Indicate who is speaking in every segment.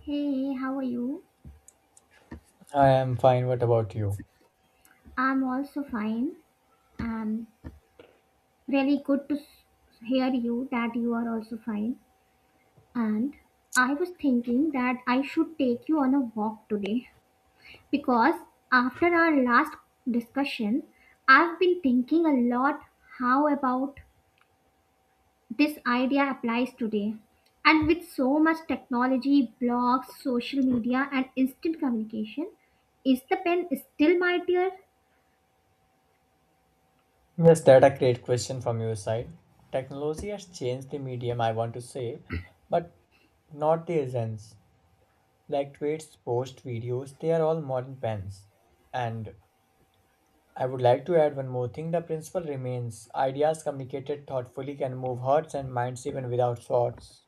Speaker 1: Hey, hey, how are you?
Speaker 2: I am fine. What about you?
Speaker 1: I'm also fine. Um, Really good to hear you that you are also fine. And I was thinking that I should take you on a walk today because after our last discussion, I've been thinking a lot how about this idea applies today. And with so much technology, blogs, social media, and instant communication, is the pen still mightier?
Speaker 2: Yes, that a great question from your side. Technology has changed the medium I want to say, but not the essence. Like tweets, posts, videos, they are all modern pens. And I would like to add one more thing. The principle remains. Ideas communicated thoughtfully can move hearts and minds even without thoughts.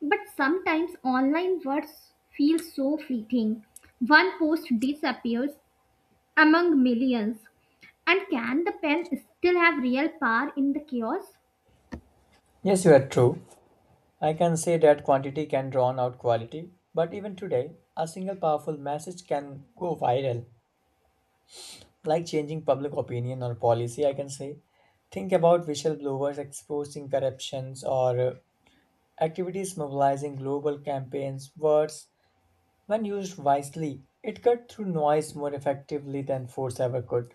Speaker 1: But sometimes online words feel so fleeting. One post disappears among millions. And can the pen still have real power in the chaos?
Speaker 2: Yes, you are true. I can say that quantity can drown out quality, but even today, a single powerful message can go viral like changing public opinion or policy, I can say. Think about whistleblowers exposing corruptions or activities mobilizing global campaigns. Words, when used wisely, it cut through noise more effectively than force ever could.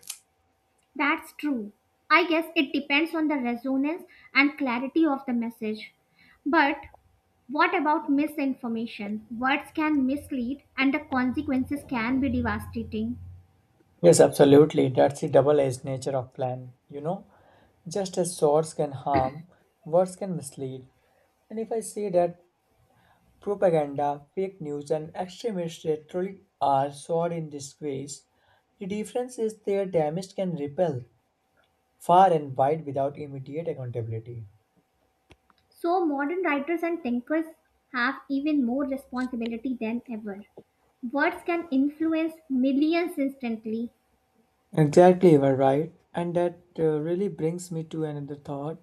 Speaker 1: That's true. I guess it depends on the resonance and clarity of the message. But what about misinformation? Words can mislead, and the consequences can be devastating.
Speaker 2: Yes, absolutely. That's the double edged nature of plan. Just as swords can harm, words can mislead. And if I say that propaganda, fake news, and extremist rhetoric are sought in this ways. The difference is their damage can repel far and wide without immediate accountability.
Speaker 1: So, modern writers and thinkers have even more responsibility than ever. Words can influence millions instantly.
Speaker 2: Exactly, you are right. And that really brings me to another thought.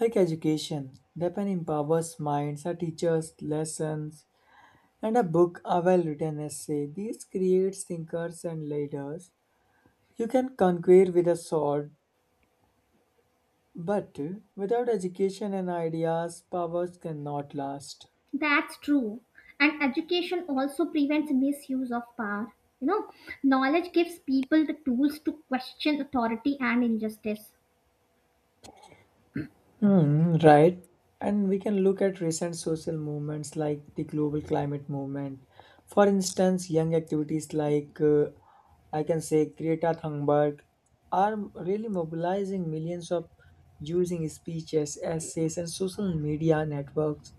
Speaker 2: Like education, the pen empowers minds, a teacher's lessons, and a book, a well-written essay. These creates thinkers and leaders. You can conquer with a sword, but without education and ideas, powers cannot last.
Speaker 1: That's true. And education also prevents misuse of power. You know, knowledge gives people the tools to question authority and injustice.
Speaker 2: Hmm, right. And we can look at recent social movements like the global climate movement. For instance, young activities like I can say Greta Thunberg are really mobilizing millions of using speeches, essays, and social media networks.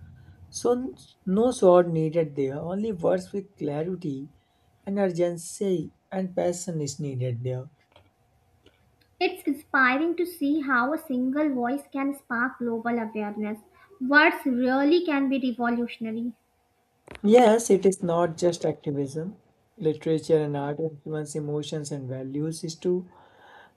Speaker 2: So n- no sword needed there, only words with clarity and urgency and passion is needed there.
Speaker 1: It's inspiring to see how a single voice can spark global awareness. Words really can be revolutionary.
Speaker 2: Yes, it is not just activism. Literature and art influence emotions and values is too,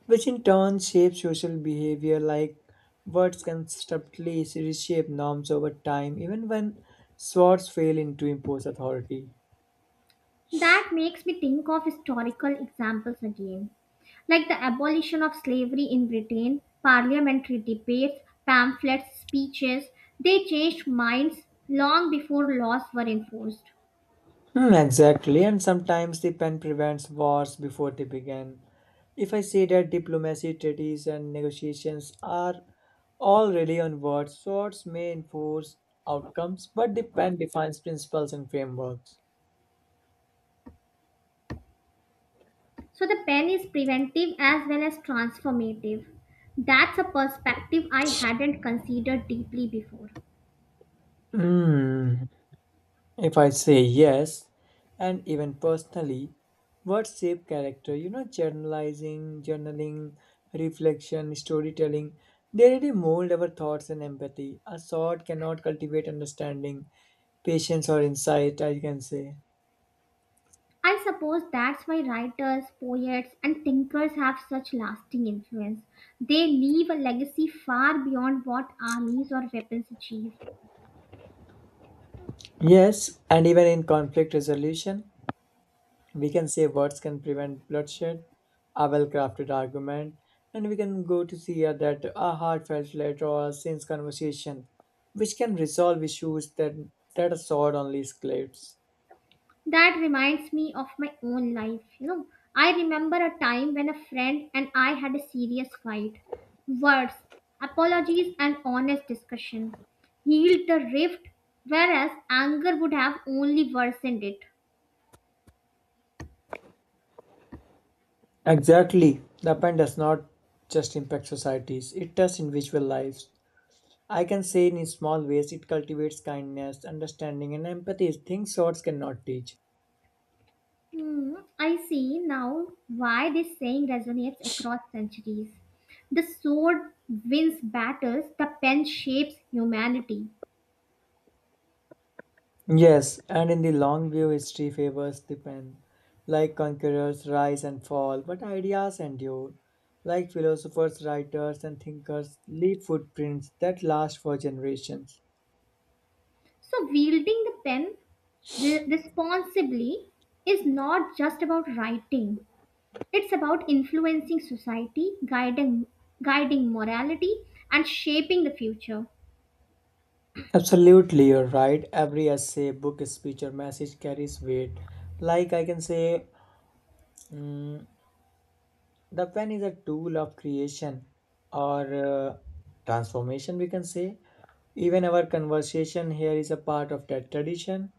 Speaker 2: which in turn shape social behavior like words can subtly reshape norms over time, even when swords fail into impose authority.
Speaker 1: That makes me think of historical examples again, like the abolition of slavery in Britain, parliamentary debates, pamphlets, speeches. They changed minds long before laws were enforced.
Speaker 2: Hmm, exactly, and sometimes the pen prevents wars before they begin. If I say that diplomacy, treaties, and negotiations are all really on words, swords may enforce outcomes, but the pen defines principles and frameworks.
Speaker 1: So the pen is preventive as well as transformative. That's a perspective I hadn't considered deeply before.
Speaker 2: Hmm. If I say yes, and even personally, words shape character. Journalizing, journaling, reflection, storytelling. They really mold our thoughts and empathy. A sword cannot cultivate understanding, patience or insight, I can say.
Speaker 1: I suppose that's why writers, poets, and thinkers have such lasting influence. They leave a legacy far beyond what armies or weapons achieve.
Speaker 2: Yes, and even in conflict resolution, we can say words can prevent bloodshed, a well crafted argument, and we can go to see that a heartfelt letter or a sincere conversation, which can resolve issues that a sword only escalates.
Speaker 1: That reminds me of my own life. You know, I remember a time when a friend and I had a serious fight. Words, apologies, and honest discussion healed the rift, whereas anger would have only worsened it.
Speaker 2: Exactly. The pen does not just impact societies, it does individual lives. I can say in small ways it cultivates kindness, understanding, and empathy, things swords cannot teach.
Speaker 1: Hmm, I see now why this saying resonates across centuries. The sword wins battles, the pen shapes humanity.
Speaker 2: Yes, and in the long view, history favors the pen. Like conquerors rise and fall, but ideas endure. Like philosophers, writers, and thinkers leave footprints that last for generations.
Speaker 1: So, wielding the pen responsibly is not just about writing, it's about influencing society, guiding, guiding morality, and shaping the future.
Speaker 2: Absolutely, you're right. Every essay, book, speech, or message carries weight. Like I can say, mm, the pen is a tool of creation or transformation, we can say. Even our conversation here is a part of that tradition.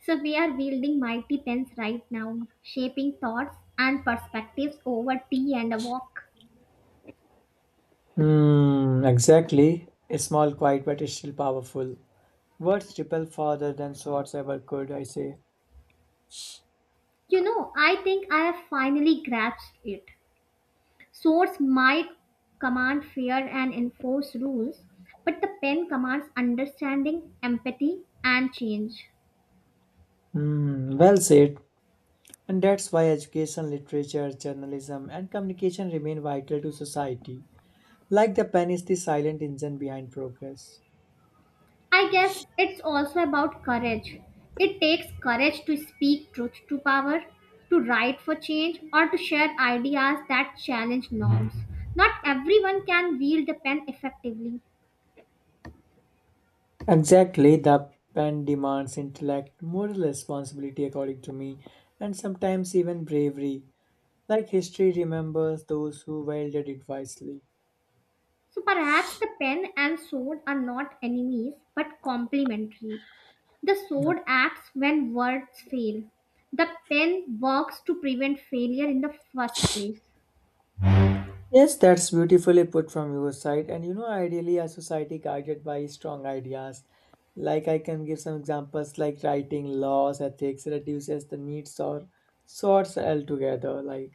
Speaker 1: So, we are wielding mighty pens right now, shaping thoughts and perspectives over tea and a walk.
Speaker 2: Hmm, exactly. It's small, quiet, but it's still powerful. Words repel farther than swords ever could, I say.
Speaker 1: You know, I think I have finally grasped it. Swords might command fear and enforce rules, but the pen commands understanding, empathy, and change.
Speaker 2: Hmm, well said. And that's why education, literature, journalism, and communication remain vital to society. Like the pen is the silent engine behind progress.
Speaker 1: I guess it's also about courage. It takes courage to speak truth to power, to write for change, or to share ideas that challenge norms. Not everyone can wield the pen effectively.
Speaker 2: Exactly, the pen demands intellect, moral responsibility, according to me, and sometimes even bravery. Like history remembers those who wielded it wisely.
Speaker 1: So perhaps the pen and sword are not enemies but complementary. The sword acts when words fail. The pen works to prevent failure in the first place.
Speaker 2: Yes, that's beautifully put from your side. And ideally, a society guided by strong ideas. Like I can give some examples like writing, laws, ethics reduces the needs or sorts altogether. Like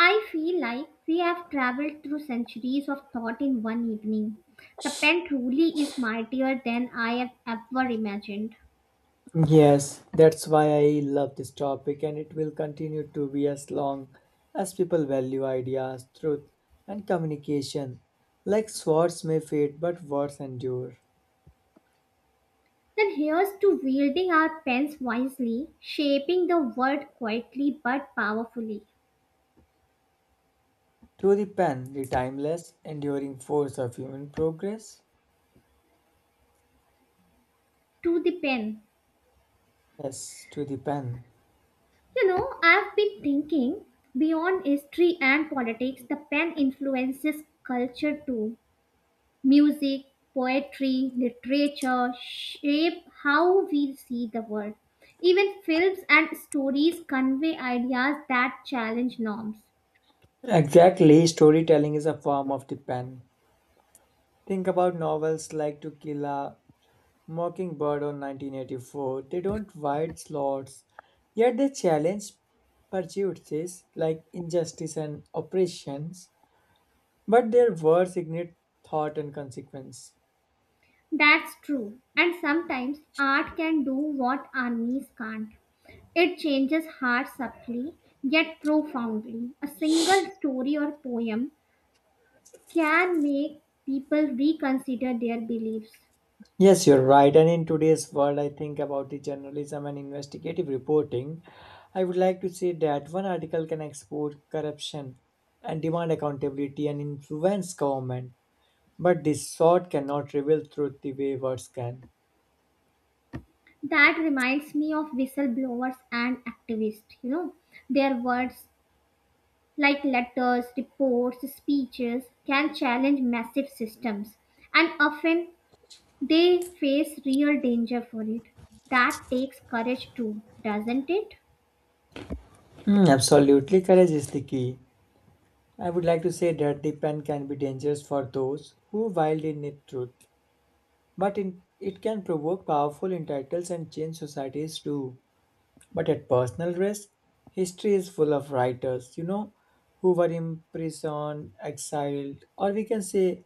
Speaker 1: I feel like we have traveled through centuries of thought in one evening. The pen truly is mightier than I have ever imagined.
Speaker 2: yes, that's why I love this topic and it will continue to be as long as people value ideas, truth and communication. Like swords may fade, but words endure.
Speaker 1: Then here's to wielding our pens wisely, shaping the world quietly but powerfully.
Speaker 2: To the pen, the timeless, enduring force of human progress.
Speaker 1: To the pen.
Speaker 2: Yes, to the pen.
Speaker 1: You know, I've been thinking beyond history and politics, the pen influences culture too. Music, poetry, literature shape how we see the world. Even films and stories convey ideas that challenge norms.
Speaker 2: Exactly, storytelling is a form of the pen. Think about novels like To Kill a Mockingbird or 1984. They don't write slots, yet they challenge prejudices like injustice and oppressions, but their words ignite thought and consequence.
Speaker 1: That's true. And sometimes art can do what armies can't. It changes hearts subtly, yet profoundly. A single story or poem can make people reconsider their beliefs.
Speaker 2: Yes, you're right. And in today's world, I think about the journalism and investigative reporting. I would like to say that one article can expose corruption and demand accountability and influence government, but this sort cannot reveal truth the way words can.
Speaker 1: That reminds me of whistleblowers and activists. You know, their words like letters, reports, speeches, can challenge massive systems, and often they face real danger for it. That takes courage too, doesn't it?
Speaker 2: Hmm, absolutely, courage is the key. I would like to say that the pen can be dangerous for those who wildly need truth, but in, it can provoke powerful entitles and change societies too. But at personal risk, history is full of writers, who were imprisoned, exiled, or we can say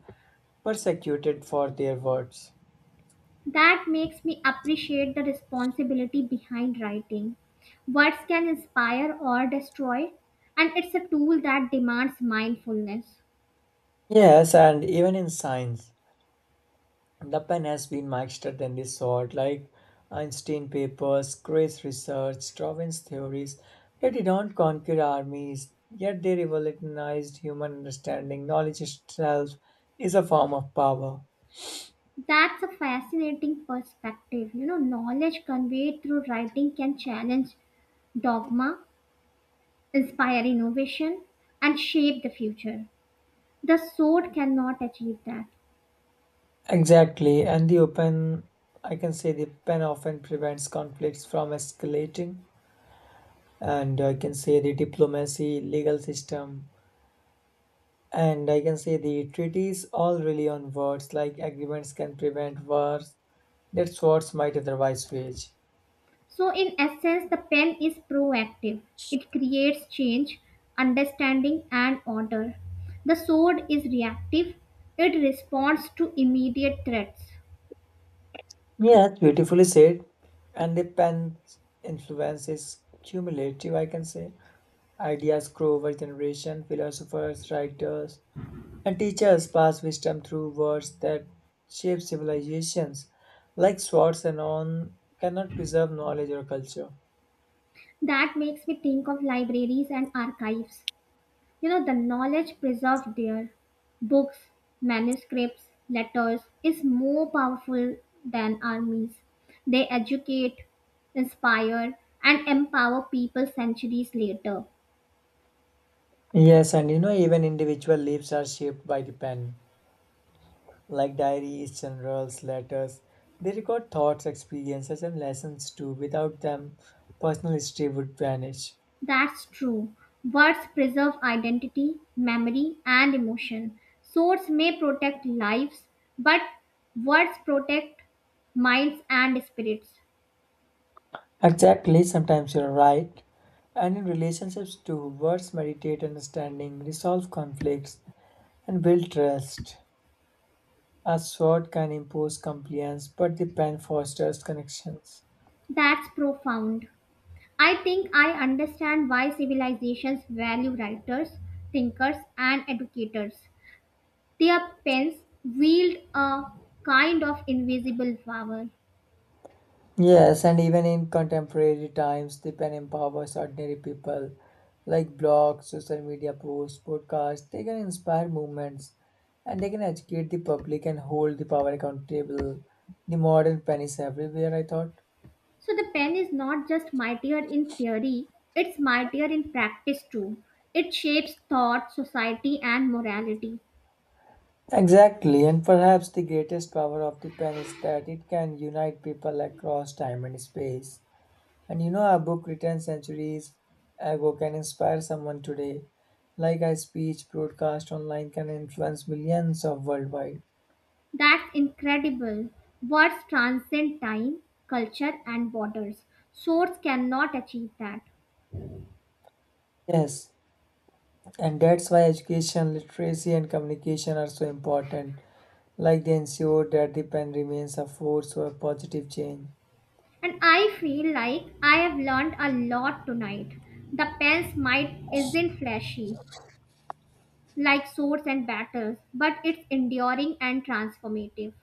Speaker 2: persecuted for their words.
Speaker 1: That makes me appreciate the responsibility behind writing. Words can inspire or destroy, and it's a tool that demands mindfulness.
Speaker 2: Yes, and even in science, the pen has been mastered in this sort, like Einstein papers, Gray's research, Darwin's theories. They did not conquer armies, yet they revolutionized human understanding. Knowledge itself is a form of power.
Speaker 1: That's a fascinating perspective. You know, knowledge conveyed through writing can challenge dogma inspire innovation, and shape the future. The sword cannot achieve that.
Speaker 2: Exactly, and the open, I can say the pen often prevents conflicts from escalating, and I can say the diplomacy, legal system, and I can say the treaties all rely on words, like agreements can prevent wars that swords might otherwise wage.
Speaker 1: So, in essence, the pen is proactive, it creates change, understanding, and order. The sword is reactive, it responds to immediate threats.
Speaker 2: Yeah, that's beautifully said. And the pen's influence is cumulative, I can say. Ideas grow over generation, philosophers, writers, and teachers pass wisdom through words that shape civilizations like swords and on cannot preserve knowledge or culture.
Speaker 1: That makes me think of libraries and archives. You know, the knowledge preserved there, books, manuscripts, letters, is more powerful than armies. They educate, inspire, and empower people centuries later.
Speaker 2: Yes, and even individual leaves are shaped by the pen like diaries, journals, letters. They record thoughts, experiences, and lessons too. Without them personal history would vanish.
Speaker 1: That's true. Words preserve identity, memory, and emotion. Swords may protect lives, but words protect minds and spirits.
Speaker 2: Exactly, sometimes you're right. And in relationships too, words meditate understanding, resolve conflicts, and build trust. A sword can impose compliance, but the pen fosters connections.
Speaker 1: That's profound. I think I understand why civilizations value writers, thinkers, and educators. Their pens wield a kind of invisible power.
Speaker 2: Yes, and even in contemporary times, the pen empowers ordinary people. Like blogs, social media posts, podcasts, they can inspire movements and they can educate the public and hold the power accountable. The modern pen is everywhere, I thought.
Speaker 1: So the pen is not just mightier in theory, it's mightier in practice too. It shapes thought, society, and morality.
Speaker 2: Exactly, and perhaps the greatest power of the pen is that it can unite people across time and space. And a book written centuries ago can inspire someone today, like a speech broadcast online can influence millions of worldwide.
Speaker 1: That's incredible. Words transcend time, culture, and borders. Swords cannot achieve that.
Speaker 2: Yes, and that's why education, literacy, and communication are so important, like they ensure that the pen remains a force for positive change.
Speaker 1: And I feel like I have learned a lot tonight. The pen's might isn't flashy, like swords and batters, but it's enduring and transformative.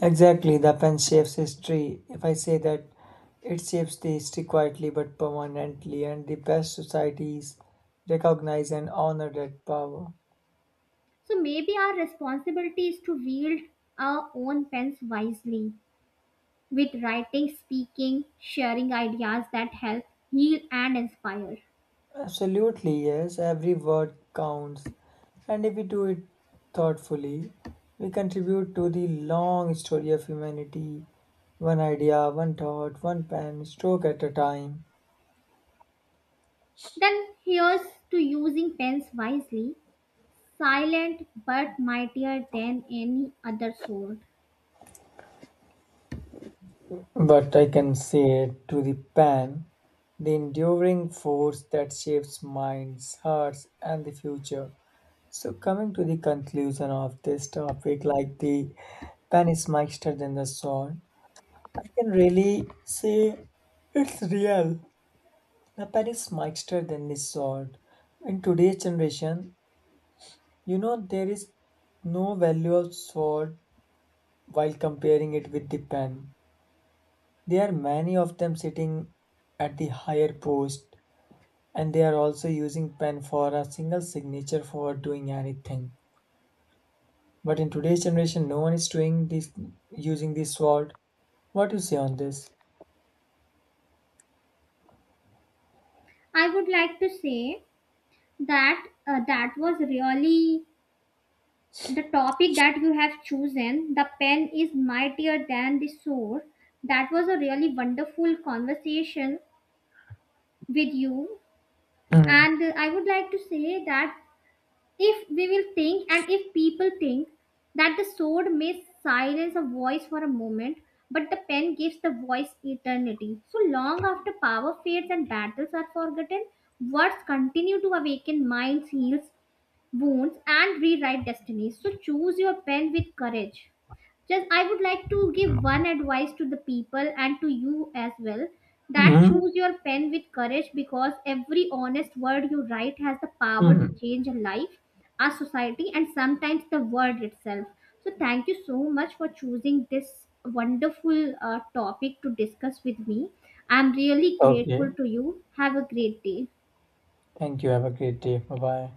Speaker 2: Exactly, the pen shapes history. If I say that, it shapes the history quietly but permanently, and the best societies recognize and honor that power.
Speaker 1: So maybe our responsibility is to wield our own pens wisely, with writing, speaking, sharing ideas that help, heal, and inspire.
Speaker 2: Absolutely, yes, every word counts. And if we do it thoughtfully, we contribute to the long story of humanity, one idea, one thought, one pen stroke at a time.
Speaker 1: Then here's to using pens wisely, silent but mightier than any other sword.
Speaker 2: But I can say it to the pen, the enduring force that shapes minds, hearts, and the future. So, coming to the conclusion of this topic, like the pen is mightier than the sword, I can really say it's real. The Paris Meister then resort. In today's generation, there is no value of sword while comparing it with the pen. There are many of them sitting at the higher post and they are also using pen for a single signature for doing anything. But in today's generation no one is doing this using the sword. What do you say on this?
Speaker 1: I would like to say that that was really the topic that you have chosen the pen is mightier than the sword that was a really wonderful conversation with you
Speaker 2: Mm.
Speaker 1: and I would like to say that if we will think and if people think that the sword may silence a voice for a moment but the pen gives the voice eternity so long after power fades and battles are forgotten words continue to awaken minds heals wounds and rewrite destinies. So choose your pen with courage. Just I would like to give one advice to the people and to you as well that
Speaker 2: Mm.
Speaker 1: choose your pen with courage because every honest word you write has the power to
Speaker 2: Mm.
Speaker 1: change a life, our society, and sometimes the world itself. So thank you so much for choosing this wonderful topic to discuss with me. I'm really grateful
Speaker 2: Okay.
Speaker 1: to you. Have a great day.
Speaker 2: Thank you. Have a great day. Bye bye.